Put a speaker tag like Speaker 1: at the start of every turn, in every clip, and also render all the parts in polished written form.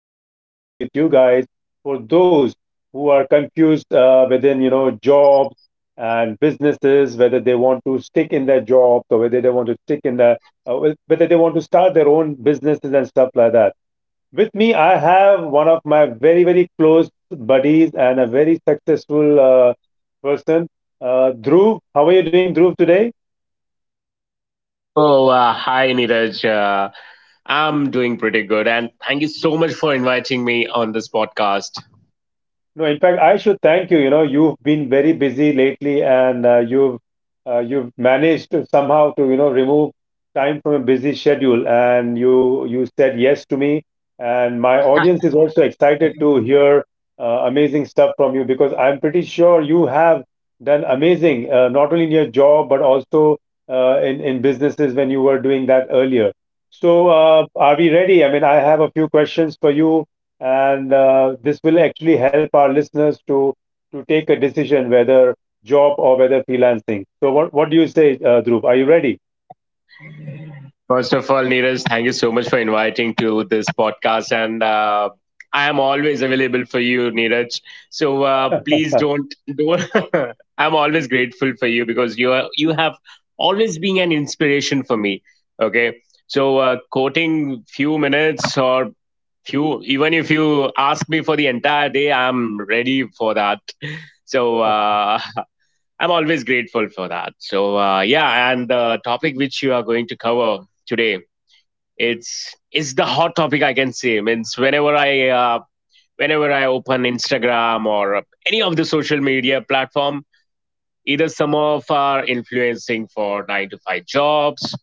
Speaker 1: topic out with you guys for those who are confused jobs and businesses, whether they want to stick in their jobs or whether they want to stick in uh, whether they want to start their own businesses and stuff like that. With me, I have one of my very, very close buddies and a very successful person, Dhruv. How are you doing, Dhruv, today?
Speaker 2: Oh, Hi, Neeraj. I'm doing pretty good. And thank you so much for inviting me on this podcast.
Speaker 1: No, in fact, I should thank you. You know, you've been very busy lately, and you've managed to somehow to remove time from a busy schedule, and you said yes to me, and my audience is also excited to hear amazing stuff from you because I'm pretty sure you have done amazing, not only in your job but also in businesses when you were doing that earlier. So, are we ready? I mean, I have a few questions for you and this will actually help our listeners to take a decision whether job or whether freelancing. So what do you say, Dhruv? Are you ready?
Speaker 2: First of all, Neeraj, thank you so much for inviting to this podcast. And I am always available for you, Neeraj. So
Speaker 1: Thanks
Speaker 2: please don't. I'm always grateful for you because you have always been an inspiration for me. Okay. So quoting few minutes or if you even if you ask me for the entire day, I'm ready for that. So I'm always grateful for that. So yeah, and the topic which you are going to cover today, it's is the hot topic I can say. Means whenever I open Instagram or any of the social media platform, either some of are influencing for nine to five jobs,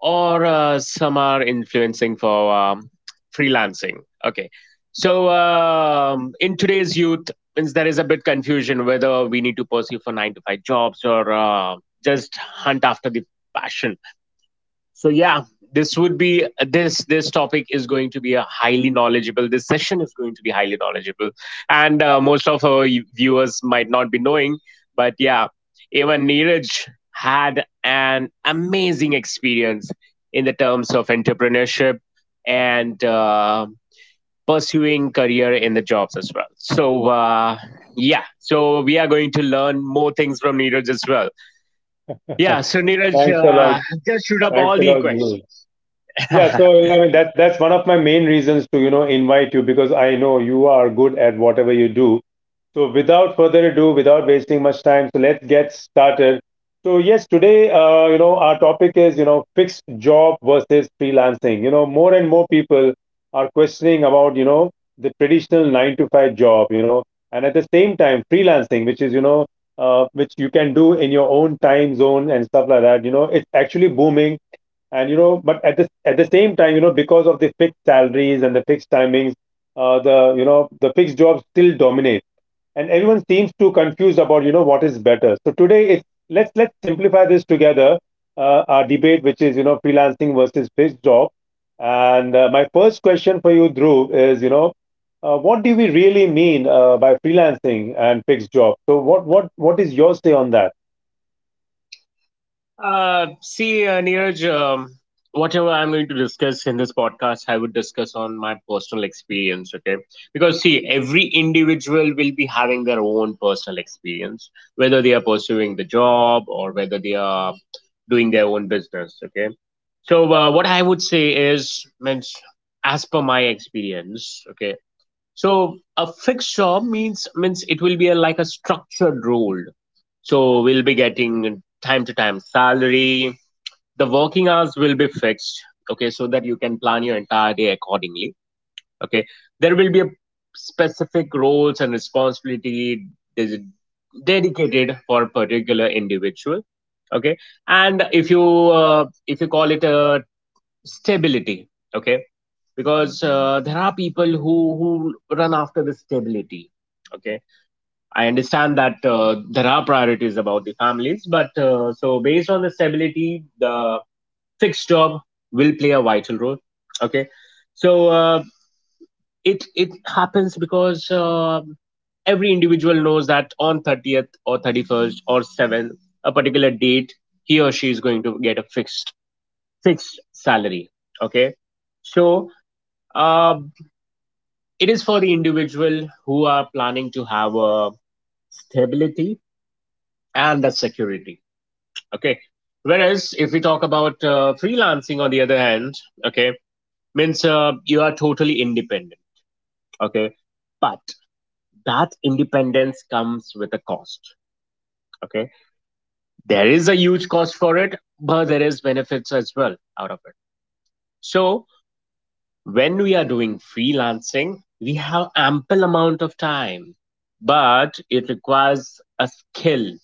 Speaker 2: or some are influencing for freelancing. Okay. So in today's youth means there is a bit confusion whether we need to pursue for 9 to 5 jobs or just hunt after the passion. So yeah, this topic is going to be a highly knowledgeable. This session is going to be highly knowledgeable, and most of our viewers might not be knowing, but yeah, even Neeraj had an amazing experience in the terms of entrepreneurship and pursuing career in the jobs as well. So yeah, so we are going to learn more things from Neeraj as well.
Speaker 1: a
Speaker 2: Yeah, so Neeraj,
Speaker 1: lot.
Speaker 2: just shoot up
Speaker 1: Thanks
Speaker 2: all
Speaker 1: a
Speaker 2: the
Speaker 1: lot, Dhruv.
Speaker 2: questions.
Speaker 1: Yeah, so yeah, I mean that's one of my main reasons to invite you because I know you are good at whatever you do. So, without further ado, without wasting much time, so let's get started. So, yes, today, our topic is, you know, fixed job versus freelancing. You know, more and more people are questioning about, you know, the traditional nine to five job, you know, and at the same time, freelancing, which is, which you can do in your own time zone and stuff like that. You know, it's actually booming, and you know, but at the same time, you know, because of the fixed salaries and the fixed timings, the the fixed jobs still dominate, and everyone seems too confused about what is better. So today, it's let's simplify this together, our debate, which is, you know, freelancing versus fixed job. And my first question for you, Dhruv, is, you know, what do we really mean by freelancing and fixed job? So what is your say on that?
Speaker 2: Neeraj, whatever I'm going to discuss in this podcast, I would discuss on my personal experience, okay? Because, see, every individual will be having their own personal experience, whether they are pursuing the job or whether they are doing their own business, okay? So, what I would say is, means, as per my experience, okay, so a fixed job means it will be like a structured role. So we'll be getting time to time salary. The working hours will be fixed. Okay, so that you can plan your entire day accordingly. Okay, there will be a specific roles and responsibility des- dedicated for a particular individual. Okay, and if you call it a stability. Okay, because there are people who run after the stability. Okay, I understand that there are priorities about the families but so based on the stability the fixed job will play a vital role. Okay, so uh, it happens because every individual knows that on 30th or 31st or 7th a particular date he or she is going to get a fixed salary. Okay, so uh, it is for the individual who are planning to have a stability and a security. Okay. Whereas if we talk about freelancing, on the other hand, okay, means you are totally independent. Okay. But that independence comes with a cost. Okay. There is a huge cost for it, but there is benefits as well out of it. So when we are doing freelancing, we have ample amount of time, but it requires a skill.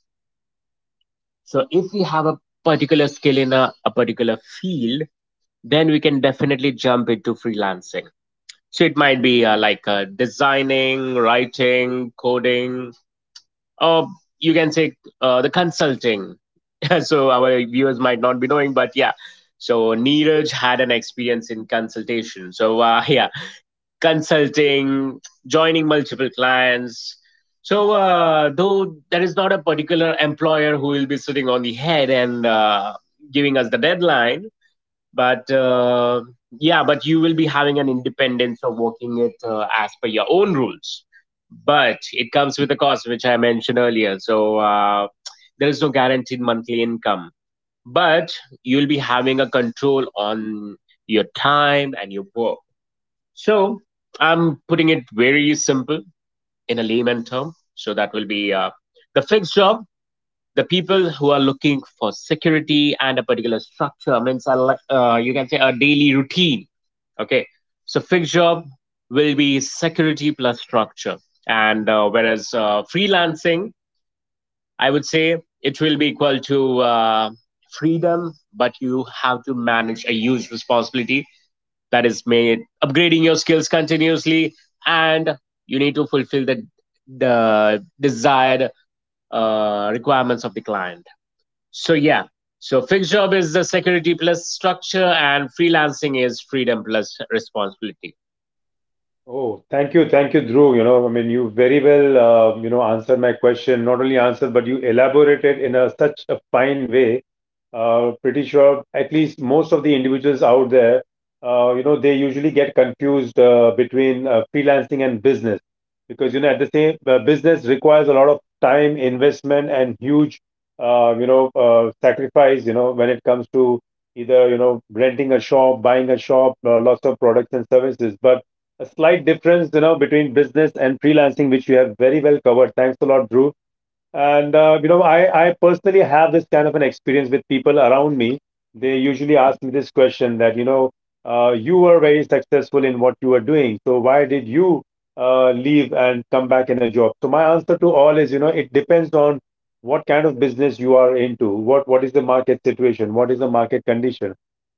Speaker 2: So if we have a particular skill in a particular field, then we can definitely jump into freelancing. So it might be like designing, writing, coding, or you can say the consulting. So our viewers might not be knowing, but yeah. So Neeraj had an experience in consultation. So yeah, consulting, joining multiple clients. So, though there is not a particular employer who will be sitting on the head and giving us the deadline, but yeah, but you will be having an independence of working it as per your own rules. But it comes with a cost, which I mentioned earlier. So, there is no guaranteed monthly income, but you'll be having a control on your time and your work. So I'm putting it very simple in a layman term. So that will be the fixed job. The people who are looking for security and a particular structure means I like you can say a daily routine. Okay, so fixed job will be security plus structure, and whereas freelancing, I would say it will be equal to freedom, but you have to manage a huge responsibility that is made upgrading your skills continuously and you need to fulfill the desired requirements of the client. So yeah, so fixed job is the security plus structure and freelancing is freedom plus responsibility.
Speaker 1: Oh, thank you, thank you, Dhruv. You know, I mean, you very well answered my question, not only answered but you elaborated in a such a fine way. Pretty sure at least most of the individuals out there, they usually get confused between freelancing and business because you know at the same business requires a lot of time, investment, and huge, sacrifice. You know, when it comes to either you know renting a shop, buying a shop, lots of products and services, but a slight difference, you know, between business and freelancing, which you have very well covered. Thanks a lot, Drew. And you know, I personally have this kind of an experience with people around me. They usually ask me this question that, you know, you were very successful in what you were doing, so why did you leave and come back in a job? So my answer to all is, you know, it depends on what kind of business you are into, what is the market situation, what is the market condition.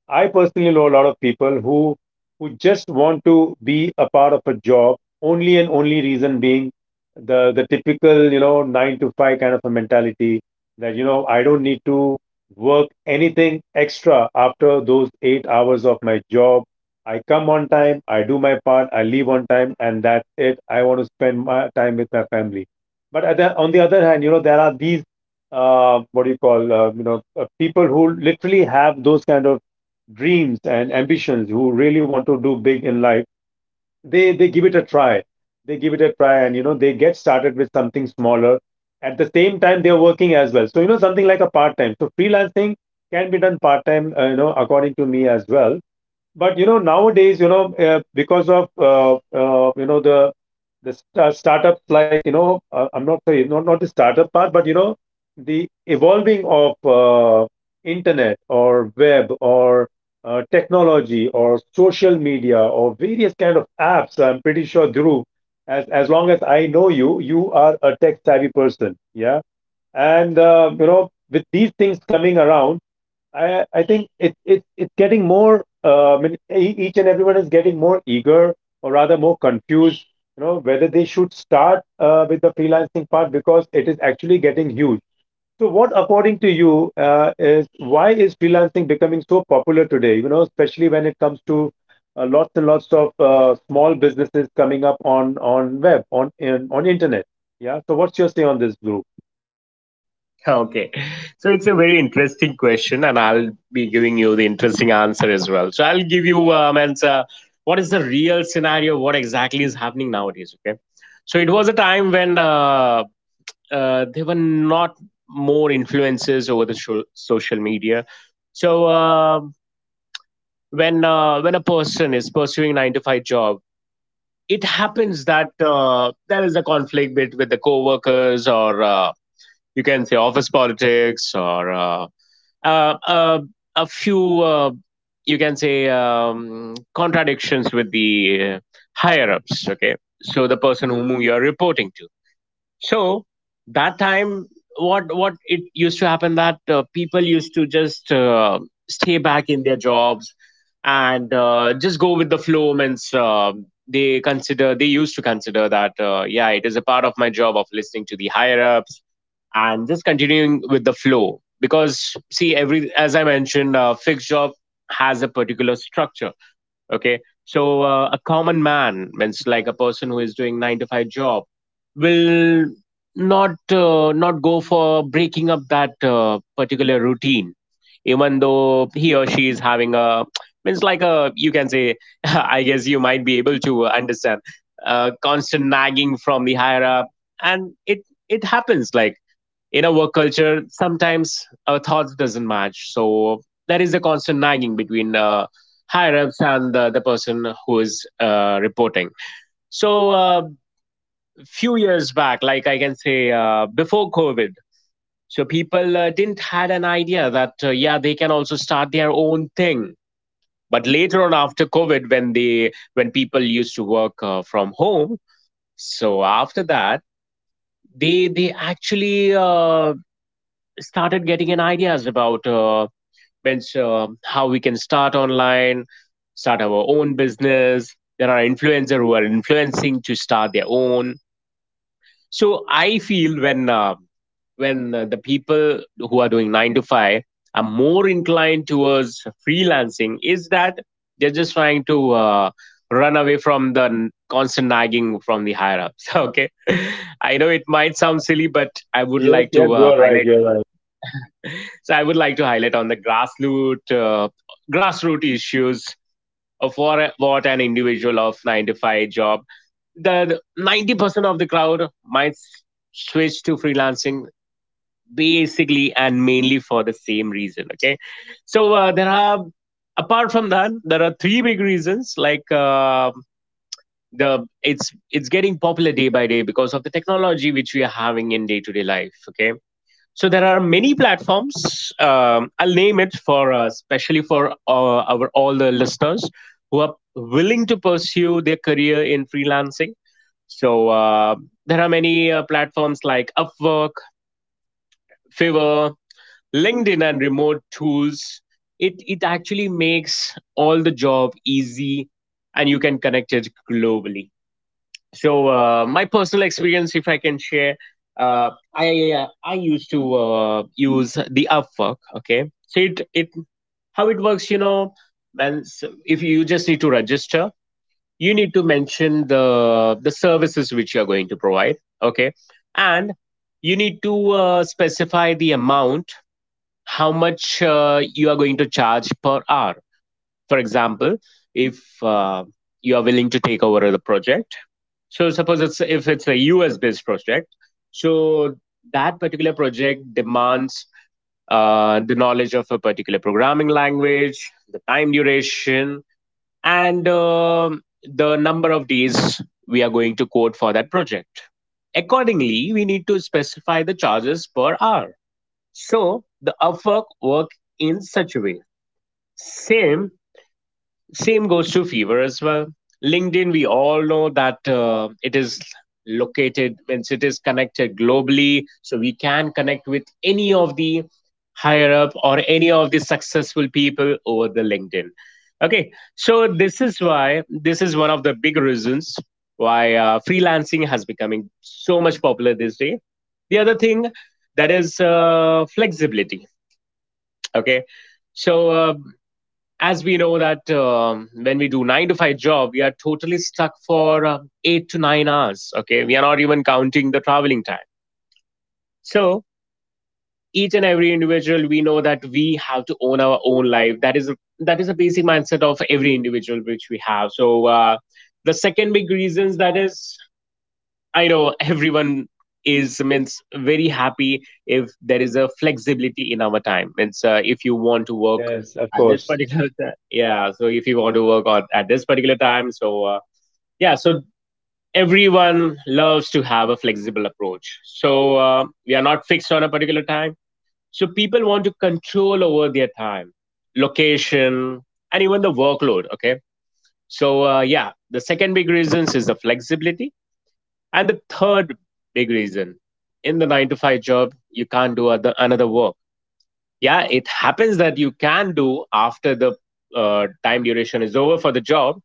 Speaker 1: I personally know a lot of people who just want to be a part of a job, only and only reason being the typical you know nine to five kind of a mentality, that you know I don't need to work anything extra after those 8 hours of my job. I come on time, I do my part, I leave on time, and that's it. I want to spend my time with my family. But on the other hand, you know there are these what do you call you know people who literally have those kind of dreams and ambitions, who really want to do big in life. They give it a try, they give it a try and you know they get started with something smaller. At the same time they're working as well, so you know something like a part time. So freelancing can be done part time, you know, according to me as well. But you know nowadays you know because of the the startups like you know I'm not sorry not, not the startup part, but you know the evolving of internet or web or technology or social media or various kind of apps. I'm pretty sure, Dhruv, as long as I know you, you are a tech savvy person, yeah. And you know with these things coming around, I think it's getting more. I mean, each and everyone is getting more eager, or rather more confused. You know whether they should start with the freelancing part because it is actually getting huge. So, what according to you is why is freelancing becoming so popular today? You know, especially when it comes to lots and lots of small businesses coming up on on internet. Yeah. So, what's your say on this group?
Speaker 2: Okay, so it's a very interesting question and I'll be giving you the interesting answer as well. So I'll give you answer what is the real scenario, what exactly is happening nowadays. Okay, so it was a time when there were not more influences over the social media. So when a person is pursuing nine to five job, it happens that there is a conflict with the co-workers or you can say office politics or uh, uh, a few you can say contradictions with the higher ups. Okay, so the person whom you are reporting to, so that time, what it used to happen that people used to just stay back in their jobs and just go with the flow. Means they used to consider that yeah, it is a part of my job of listening to the higher ups and just continuing with the flow, because see every as I mentioned, fixed job has a particular structure. Okay, so a common man means like a person who is doing 9 to 5 job will not go for breaking up that particular routine, even though he or she is having a means like a you can say I guess you might be able to understand constant nagging from the higher up. And it happens like in a work culture sometimes our thoughts doesn't match. So there is a constant nagging between higher ups and the person who is reporting. So, a few years back, like I can say before COVID, so people didn't had an idea that yeah they can also start their own thing. But later on, after COVID, when they when people used to work from home, so after that they actually started getting an ideas about which how we can start online, start our own business. There are influencers who are influencing to start their own. So I feel when the people who are doing nine to five are more inclined towards freelancing is that they're just trying to run away from the constant nagging from the higher ups. Okay, I know it might sound silly, but I would
Speaker 1: Yes,
Speaker 2: like
Speaker 1: yes,
Speaker 2: to
Speaker 1: you are right.
Speaker 2: highlight.
Speaker 1: You are right.
Speaker 2: So I would like to highlight on the grassroots grassroots issues of what an individual of 9 to 5 job. The 90% of the crowd might switch to freelancing basically and mainly for the same reason. Okay. So there are, apart from that, there are three big reasons like the it's getting popular day by day because of the technology which we are having in day to day life. Okay, so there are many platforms. I'll name it for especially for our all the listeners who are willing to pursue their career in freelancing. So there are many platforms like Upwork, Fiverr, LinkedIn, and remote tools. It actually makes all the job easy, and you can connect it globally. So my personal experience if I can share, I used to use the Upwork. Okay, so it how it works you know. And if you just need to register, you need to mention the services which you are going to provide, okay. And you need to specify the amount how much you are going to charge per hour. For example, if you are willing to take over the project, so suppose it's if it's a US based project, so that particular project demands the knowledge of a particular programming language, the time duration, and the number of days we are going to code for that project. Accordingly, we need to specify the charges per hour. So the Upwork work in such a way. Same same goes to Fever as well. LinkedIn, we all know that it is located, means it is connected globally. So we can connect with any of the higher up or any of the successful people over the LinkedIn. Okay, so this is why this is one of the big reasons why freelancing has becoming so much popular these days. The other thing that is flexibility. Okay, so as we know that when we do nine to five job we are totally stuck for 8 to 9 hours. Okay, we are not even counting the traveling time. So each and every individual, we know that we have to own our own life. That is that is a basic mindset of every individual which we have. So the second big reasons, that is, I know everyone is, means, very happy if there is a flexibility in our time. Means if you want to work
Speaker 1: Yes, of
Speaker 2: at this
Speaker 1: course.
Speaker 2: particular time, yeah. So if you want to work on at this particular time, so yeah. So everyone loves to have a flexible approach. So we are not fixed on a particular time. So people want to control over their time, location, and even the workload. Okay. So yeah, the second big reasons is the flexibility, and the third big reason, in the nine to five job, you can't do another work. Yeah, it happens that you can do after the time duration is over for the job,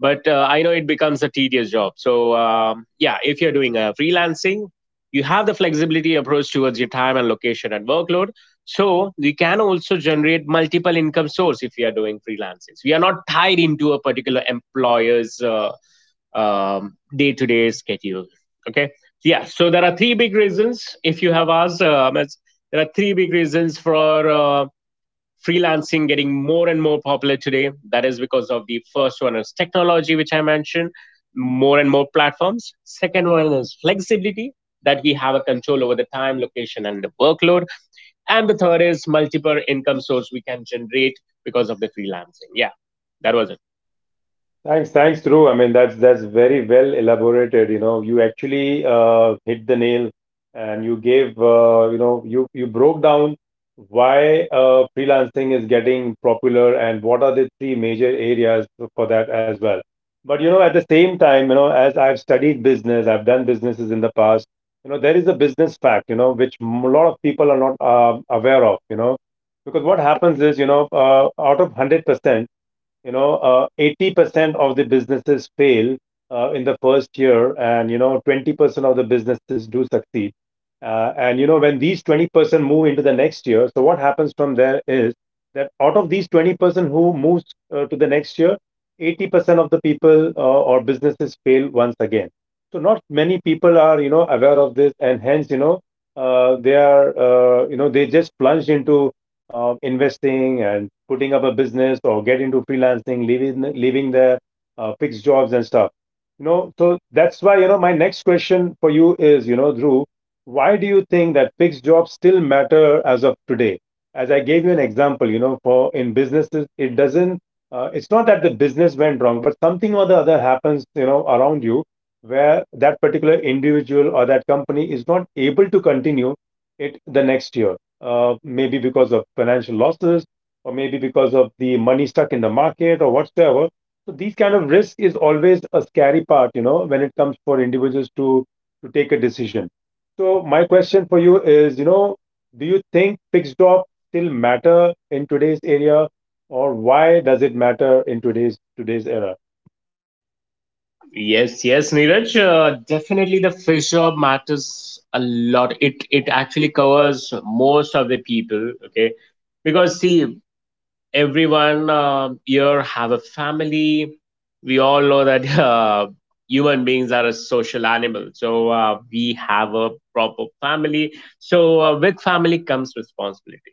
Speaker 2: but I know it becomes a tedious job. So yeah, if you're doing a freelancing, you have the flexibility approach towards your time and location and workload. So you can also generate multiple income source if you are doing freelancing. So you are not tied into a particular employer's day-to-day schedule. Okay. Yeah, so there are three big reasons. If you have asked, there are three big reasons for uh, freelancing getting more and more popular today. That is because of, the first one is technology, which I mentioned, more and more platforms. Second one is flexibility, that we have a control over the time, location, and the workload. And the third is multiple income source we can generate because of the freelancing. Yeah, that was it.
Speaker 1: Thanks, thanks, Dhruv. I mean, that's very well elaborated. You know, you actually hit the nail, and you gave you know you you broke down why freelancing is getting popular and what are the three major areas for that as well. But you know, at the same time, you know, as I've studied business, I've done businesses in the past. You know, there is a business fact, you know, which a lot of people are not aware of. You know, because what happens is, you know, out of 100%, you know, 80% of the businesses fail in the first year, and you know, 20% of the businesses do succeed. And you know, when these 20% move into the next year, so what happens from there is that out of these 20% who moves to the next year, 80% of the people or businesses fail once again. So not many people are you know aware of this, and hence you know they just plunged into investing and putting up a business or get into freelancing, leaving their fixed jobs and stuff. You know, so that's why you know my next question for you is, you know, Drew, why do you think that fixed jobs still matter as of today? As I gave you an example, you know, for in businesses, it doesn't. It's not that the business went wrong, but something or the other happens, you know, around you where that particular individual or that company is not able to continue it the next year, maybe because of financial losses or maybe because of the money stuck in the market or whatsoever. So these kind of risk is always a scary part, you know, when it comes for individuals to take a decision. So my question for you is, you know, do you think fixed op still matter in today's area, or why does it matter in today's era?
Speaker 2: Yes, yes, Neeraj. Definitely, the fish job matters a lot. It actually covers most of the people. Okay, because see, everyone here have a family. We all know that human beings are a social animal. So we have a proper family. So with family comes responsibility.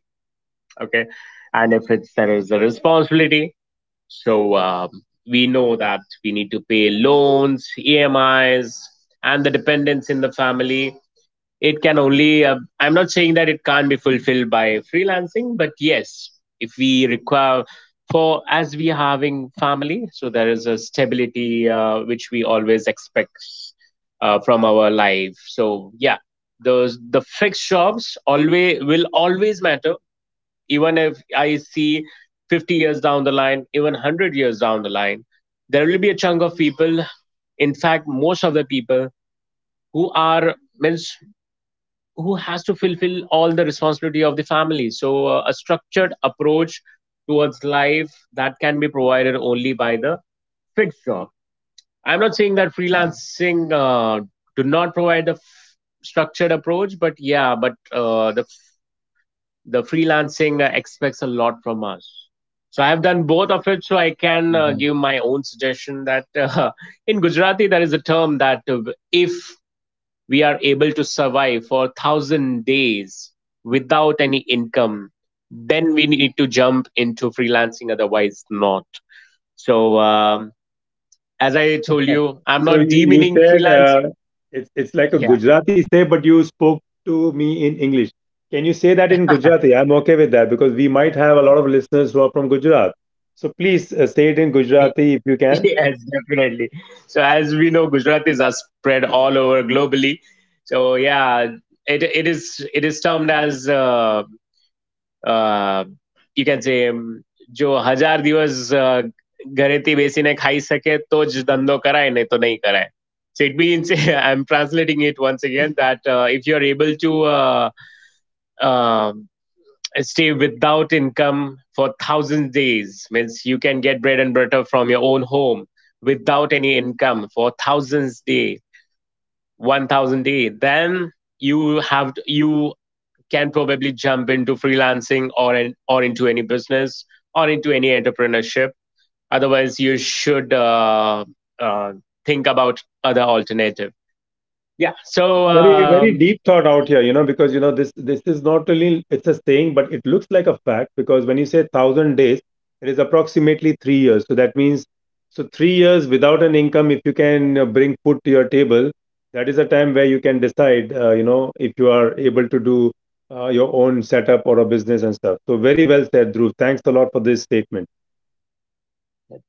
Speaker 2: Okay, and if it's there is a responsibility, so we know that we need to pay loans, emis, and the dependents in the family. It can only I'm not saying that it can't be fulfilled by freelancing, but yes, if we require, for, as we are having family, so there is a stability which we always expect from our life. So yeah, those, the fixed jobs always, will always matter. Even if I see 50 years down the line, even 100 years down the line, there will be a chunk of people, in fact most of the people, who are, means, who has to fulfill all the responsibility of the family. So a structured approach towards life, that can be provided only by the fixed job. I'm not saying that freelancing do not provide the structured approach, but yeah, but the freelancing expects a lot from us. So I have done both of it, so I can give my own suggestion that, in Gujarati there is a term that, if we are able to survive for 1000 days without any income, then we need to jump into freelancing, otherwise not. So as I told you, I'm
Speaker 1: So
Speaker 2: not
Speaker 1: you
Speaker 2: demeaning
Speaker 1: said
Speaker 2: freelance.
Speaker 1: it's like a
Speaker 2: Yeah.
Speaker 1: Gujarati say, but you spoke to me in English. Can you say that in Gujarati? I'm okay with that because we might have a lot of listeners who are from Gujarat. So please say it in Gujarati if you can.
Speaker 2: Yes, definitely. So as we know, Gujaratis are spread all over globally. So yeah, it, it is termed as a, you can say એમ, જો હજાર દિવસ અ ઘરેથી બેસીને ખાઈ શકે તો જ ધંધો કરાય નહીં તો. So it means, I'm translating it once again, that if you're able to uh, uh, stay without income for thousand days, means you can get bread and butter from your own home without any income for thousands day, 1000 day, then you have to, you can probably jump into freelancing or or into any business or into any entrepreneurship. Otherwise, you should uh, think about other alternative. Yeah. So
Speaker 1: Very very deep thought out here, you know, because you know this this is not really, it's a saying, but it looks like a fact. Because when you say 1,000 days, it is approximately 3 years. So that means, so 3 years without an income, if you can bring food to your table, that is a time where you can decide you know if you are able to do your own setup or a business and stuff. So very well said, Dhruv. Thanks a lot for this statement.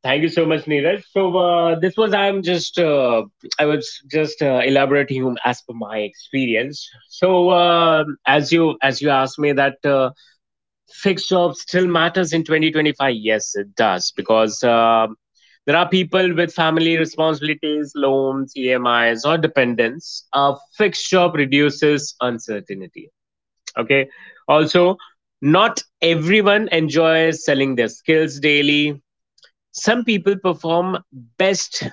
Speaker 2: thank you so much, Neeraj. So this was I'm just I was just elaborating as per my experience. So um, as you asked me that. Fixed job still matters in 2025. Yes, it does, because there are people with family responsibilities, loans, emis, or dependents. A fixed job reduces uncertainty. Okay. Also, not everyone enjoys selling their skills daily. Some people perform best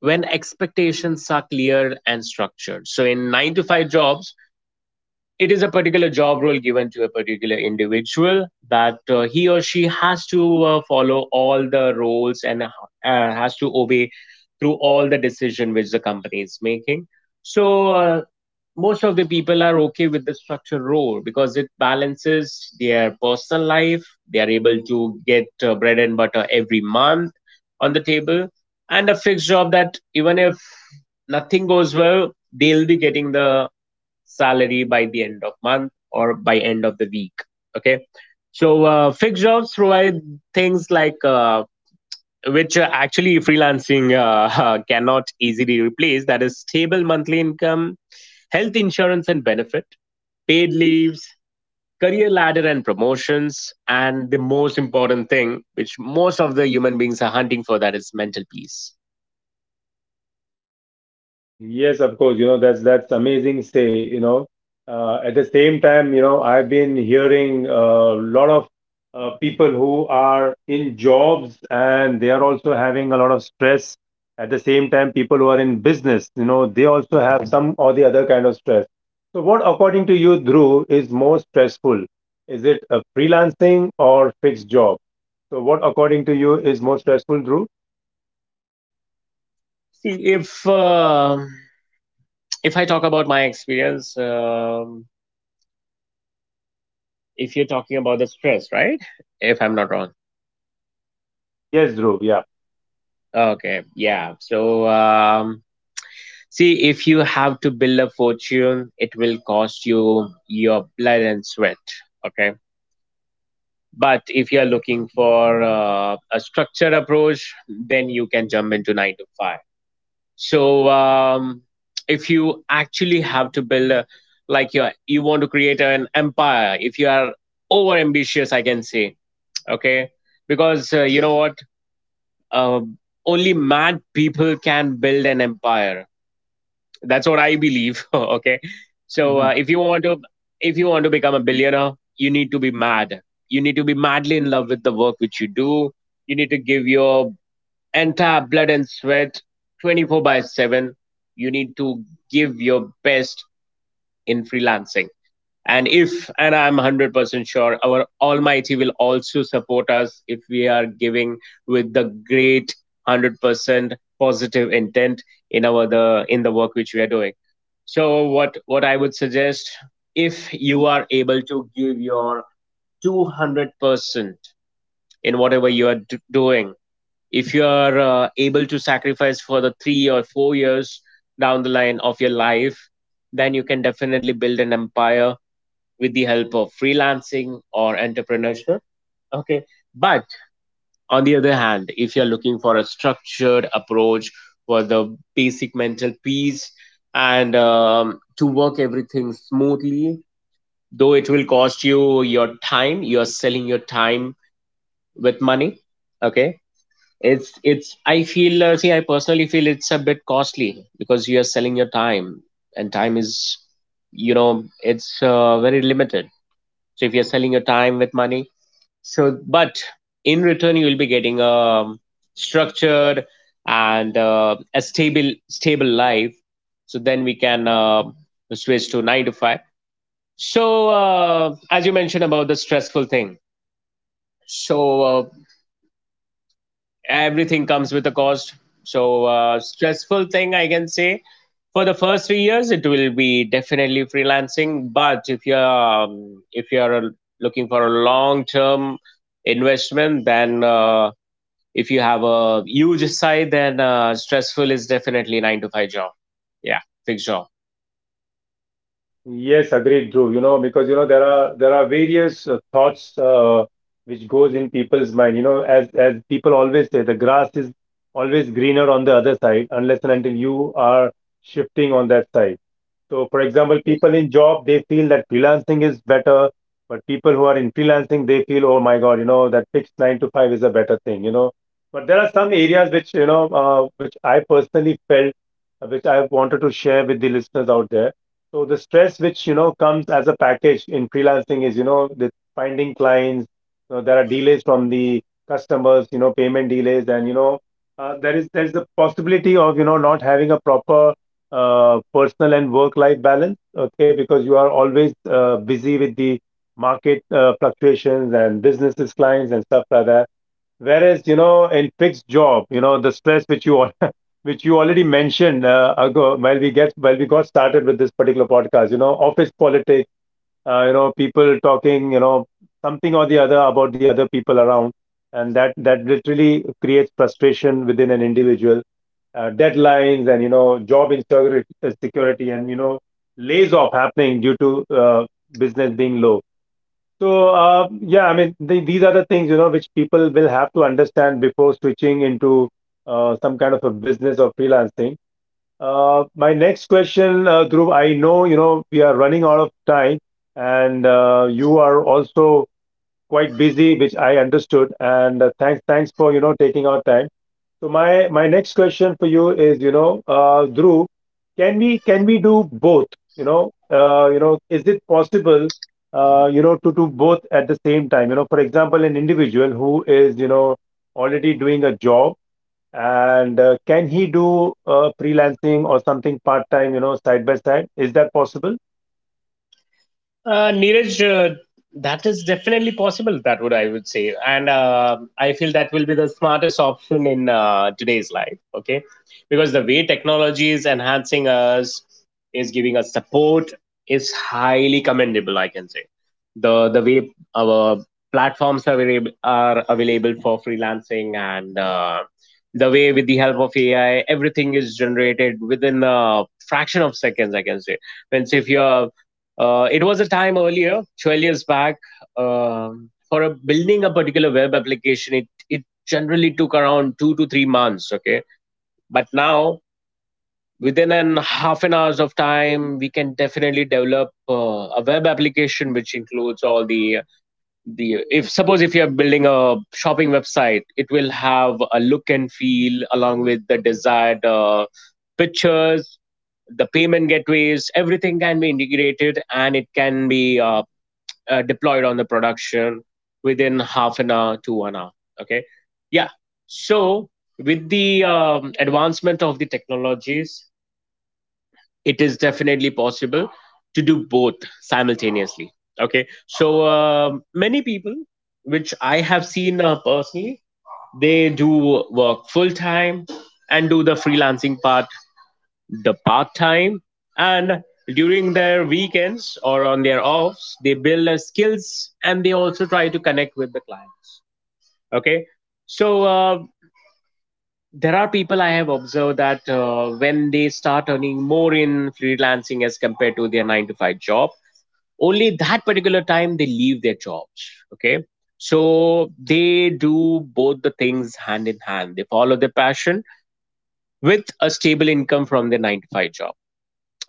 Speaker 2: when expectations are clear and structured. So in 9 to 5 jobs, it is a particular job role given to a particular individual, that he or she has to follow all the roles and has to obey through all the decision which the company is making. So uh, most of the people are okay with the structured role because it balances their personal life. They are able to get bread and butter every month on the table. And a fixed job, that even if nothing goes well, they'll be getting the salary by the end of month or by end of the week. Okay. So fixed jobs provide things like which actually freelancing cannot easily replace. That is stable monthly income, health insurance and benefit, paid leaves, career ladder and promotions, and the most important thing which most of the human beings are hunting for, that is mental peace.
Speaker 1: Yes, of course. You know, that's amazing say, you know. At the same time, you know, I've been hearing a lot of people who are in jobs and they are also having a lot of stress. At the same time, people who are in business, you know, they also have some or the other kind of stress. So what, according to you, Dhruv, is more stressful? Is it a freelancing or fixed job? So what, according to you, is more stressful, Dhruv?
Speaker 2: See, if I talk about my experience, um, if you're talking about the stress, right? If I'm not wrong.
Speaker 1: Yes, Dhruv, yeah.
Speaker 2: Okay, yeah. So, see, if you have to build a fortune, it will cost you your blood and sweat. Okay. But if you're looking for a structured approach, then you can jump into nine to five. So, if you actually have to like you want to create an empire, if you are over ambitious, I can say, okay, because you know what, uh, only mad people can build an empire. That's what I believe. Okay. So if you want to become a billionaire, you need to be mad. You need to be madly in love with the work which you do. You need to give your entire blood and sweat, 24 by 7. You need to give your best in freelancing. And if, and I'm 100% sure, our Almighty will also support us, if we are giving with the great 100% positive intent in our the in the work which we are doing. So what I would suggest, if you are able to give your 200% in whatever you are doing, if you are able to sacrifice for the 3 or 4 years down the line of your life, then you can definitely build an empire with the help of freelancing or entrepreneurship. Okay. But on the other hand, if you're looking for a structured approach, for the basic mental peace, and to work everything smoothly, though it will cost you your time, you're selling your time with money. Okay. I feel, see, I personally feel it's a bit costly because you are selling your time, and time is, you know, it's very limited. So if you're selling your time with money, so, but in return, you will be getting a structured and a stable life. So then we can switch to nine to five. So as you mentioned about the stressful thing, so everything comes with a cost. So stressful thing, I can say, for the first 3 years, it will be definitely freelancing. But if you're looking for a long term investment, then if you have a huge side, then stressful is definitely nine to five job. Yeah, fixed job.
Speaker 1: Yes, agreed, Dhruv. You know, because you know there are various thoughts which goes in people's mind. You know, as people always say, the grass is always greener on the other side, unless and until you are shifting on that side. So, for example, people in job they feel that freelancing is better, but people who are in freelancing they feel, oh my god, you know that fixed nine to five is a better thing, you know. But there are some areas which you know which I personally felt, which I wanted to share with the listeners out there. So the stress which you know comes as a package in freelancing is you know the finding clients. You know, there are delays from the customers, you know, payment delays, and you know there is the possibility of you know not having a proper personal and work life balance, okay, because you are always busy with the market fluctuations and businesses clients and stuff like that, whereas you know in fixed job you know the stress which you all which you already mentioned ago while we got started with this particular podcast, you know, office politics, you know, people talking, you know, something or the other about the other people around, and that literally creates frustration within an individual, deadlines, and you know job insecurity security, and you know lays off happening due to business being low. So yeah, I mean, these are the things you know which people will have to understand before switching into some kind of a business or freelancing. My next question, Dhruv, I know you know we are running out of time and you are also quite busy, which I understood, and uh, thanks for you know taking our time. So my next question for you is, you know, Dhruv, can we do both? You know, is it possible, you know, to do both at the same time? You know, for example, an individual who is, you know, already doing a job, and can he do freelancing or something part time? You know, side by side, is that possible?
Speaker 2: Neeraj, uh, that is definitely possible. That would I would say, and I feel that will be the smartest option in today's life. Okay, because the way technology is enhancing us, is giving us support, is highly commendable, I can say. The way our platforms are available for freelancing, and the way with the help of AI, everything is generated within a fraction of seconds, I can say. And so if you're it was a time earlier, 12 years back, for building a particular web application, it generally took around 2 to 3 months. Okay. But now, within an half an hours of time, we can definitely develop a web application, which includes all the, if suppose if you're building a shopping website, it will have a look and feel along with the desired pictures, the payment gateways, everything can be integrated and it can be deployed on the production within half an hour to 1 hour. Okay. Yeah. So with the advancement of the technologies, it is definitely possible to do both simultaneously. Okay, so many people which I have seen personally, they do work full time and do the freelancing part, the part time, and during their weekends or on their offs they build their skills and they also try to connect with the clients. Okay, so there are people I have observed that when they start earning more in freelancing as compared to their 9 to 5 job, only that particular time they leave their jobs. Okay, so they do both the things hand in hand. They follow their passion with a stable income from their 9 to 5 job.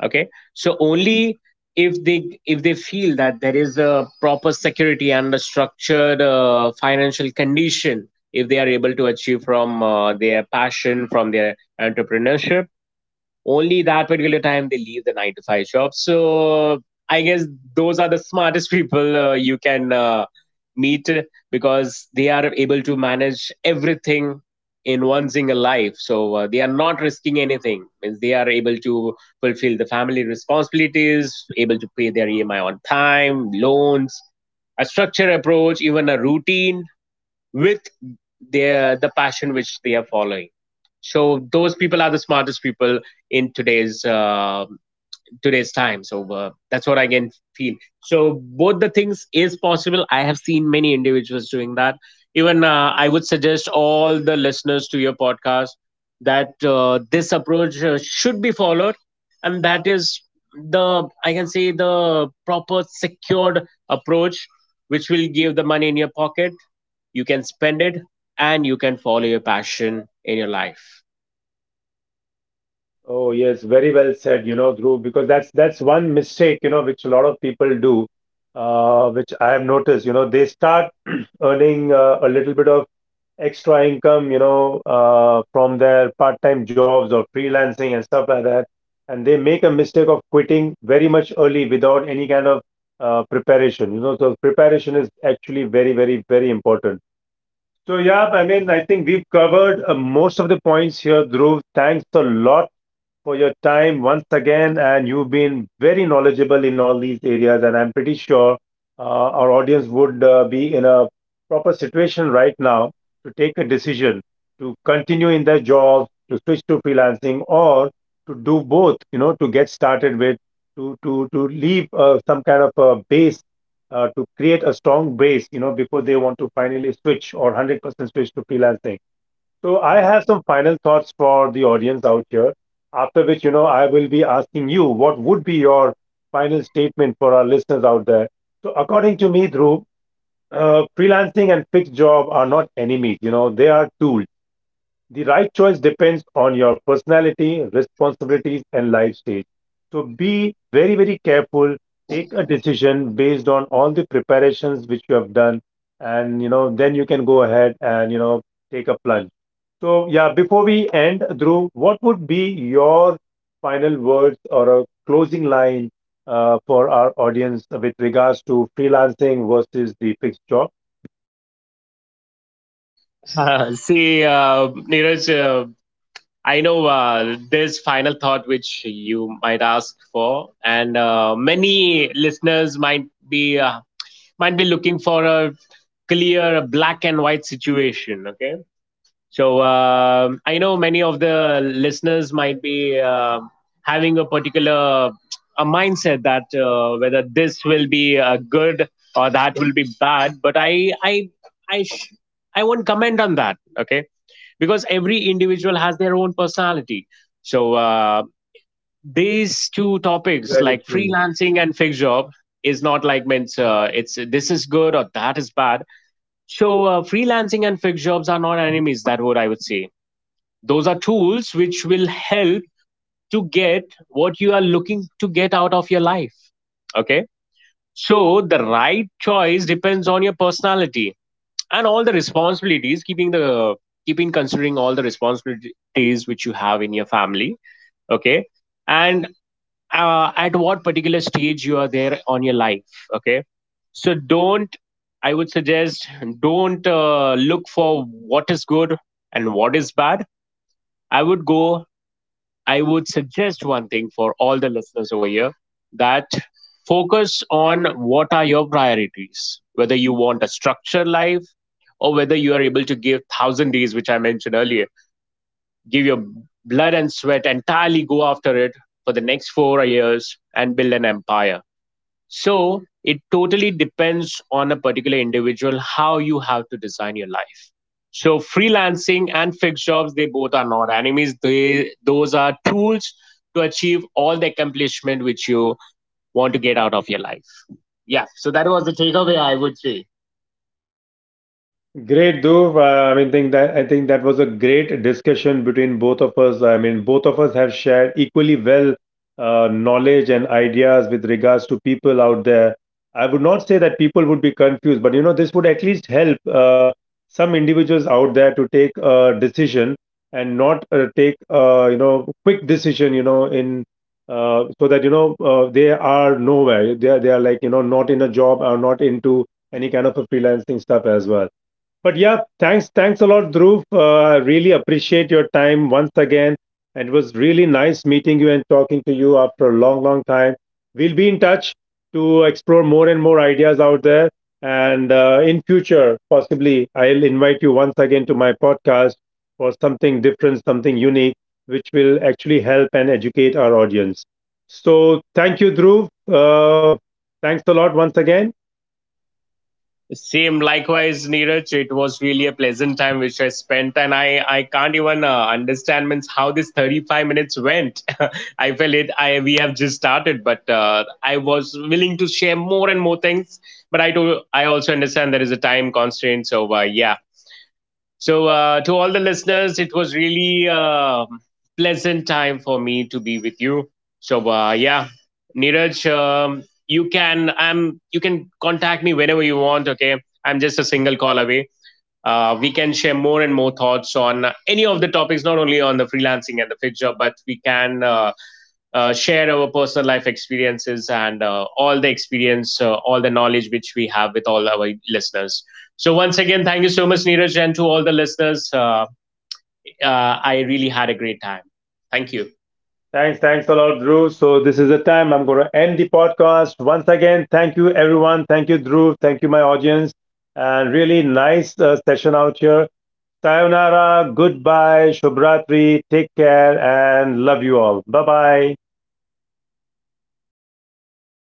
Speaker 2: Okay, so only if they feel that there is a proper security and a structured financial condition, if they are able to achieve from their passion, from their entrepreneurship, only that particular time they leave the nine to five shop. So I guess those are the smartest people you can meet, because they are able to manage everything in one single life. So they are not risking anything. Means they are able to fulfill the family responsibilities, able to pay their EMI on time, loans, a structured approach, even a routine with the passion which they are following. So those people are the smartest people in today's time. So that's what I can feel. So both the things is possible. I have seen many individuals doing that. Even I would suggest all the listeners to your podcast that this approach should be followed, and that is the, I can say, the proper secured approach which will give the money in your pocket. You can spend it and you can follow your passion in your life.
Speaker 1: Oh yes, very well said. You know, Dhruv, because that's one mistake, you know, which a lot of people do, which I have noticed. You know, they start earning a little bit of extra income, you know, from their part-time jobs or freelancing and stuff like that, and they make a mistake of quitting very much early without any kind of preparation. You know, so preparation is actually very, very, very important. So yeah, I mean, I think we've covered most of the points here, Dhruv. Thanks a lot for your time once again. And you've been very knowledgeable in all these areas. And I'm pretty sure our audience would be in a proper situation right now to take a decision to continue in their job, to switch to freelancing, or to do both, you know, to get started with, to, to leave some kind of a base. To create a strong base, you know, before they want to finally switch, or 100% switch to freelancing. So I have some final thoughts for the audience out here, after which, you know, I will be asking you what would be your final statement for our listeners out there. So according to me, Dhruv, freelancing and fixed job are not enemies, you know, they are tools. The right choice depends on your personality, responsibilities, and life stage. So be very, very careful. Take a decision based on all the preparations which you have done, and you know, then you can go ahead and you know, take a plunge. So, yeah, before we end, Dhruv, what would be your final words or a closing line for our audience with regards to freelancing versus the fixed job?
Speaker 2: See, uh, Neeraj, I know there's final thought which you might ask for, and many listeners might be looking for a clear black and white situation. Okay, so I know many of the listeners might be having a particular a mindset that whether this will be good or that will be bad, but I sh- I won't comment on that. Okay, because every individual has their own personality. So these two topics,
Speaker 1: Very
Speaker 2: like
Speaker 1: true.
Speaker 2: freelancing and fixed job, is not like meant, it's this is good or that is bad. So freelancing and fixed jobs are not enemies. That what I would say. Those are tools which will help to get what you are looking to get out of your life. Okay. So the right choice depends on your personality and all the responsibilities, keeping the keeping considering all the responsibilities which you have in your family. Okay. And at what particular stage you are there on your life. Okay, so don't, I would suggest, don't look for what is good and what is bad. i would go I would suggest one thing for all the listeners over here, that focus on what are your priorities, whether you want a structured life, or whether you are able to give 1000 days, which I mentioned earlier, give your blood and sweat, entirely go after it for the next 4 years and build an empire. So it totally depends on a particular individual how you have to design your life. So freelancing and fixed jobs, they both are not enemies. They Those are tools to achieve all the accomplishment which you want to get out of your life. Yeah. So that was the takeaway, I would say.
Speaker 1: Great, Dhruv. I mean, think that I think that was a great discussion between both of us. I mean, both of us have shared equally well knowledge and ideas with regards to people out there. I would not say that people would be confused, but you know, this would at least help some individuals out there to take a decision and not take you know quick decision. You know, in so that you know they are nowhere. They are like you know not in a job or not into any kind of a freelancing stuff as well. But yeah, thanks a lot, Dhruv. I really appreciate your time once again. And it was really nice meeting you and talking to you after a long, long time. We'll be in touch to explore more and more ideas out there. And in future, possibly, I'll invite you once again to my podcast for something different, something unique, which will actually help and educate our audience. So thank you, Dhruv. Thanks a lot once again.
Speaker 2: Same, likewise, Neeraj. It was really a pleasant time which I spent, and I can't even understand, means how this 35 minutes went. I felt it. I We have just started, but I was willing to share more and more things. But I do. I also understand there is a time constraint. So yeah, so, to all the listeners, it was really a pleasant time for me to be with you. So, yeah, Neeraj, you can contact me whenever you want. Okay, I'm just a single call away. We can share more and more thoughts on any of the topics, not only on the freelancing and the fixed job, but we can share our personal life experiences and all the experience, all the knowledge which we have with all our listeners. So, once again, thank you so much, Neeraj, and to all the listeners. I really had a great time. Thank you.
Speaker 1: Thanks a lot, Drew. So this is the time I'm going to end the podcast once again. Thank you, everyone. Thank you, Drew. Thank you, my audience, and really nice session out here. Sayonara, goodbye, Shubhratri. Take care, and love you all. Bye bye.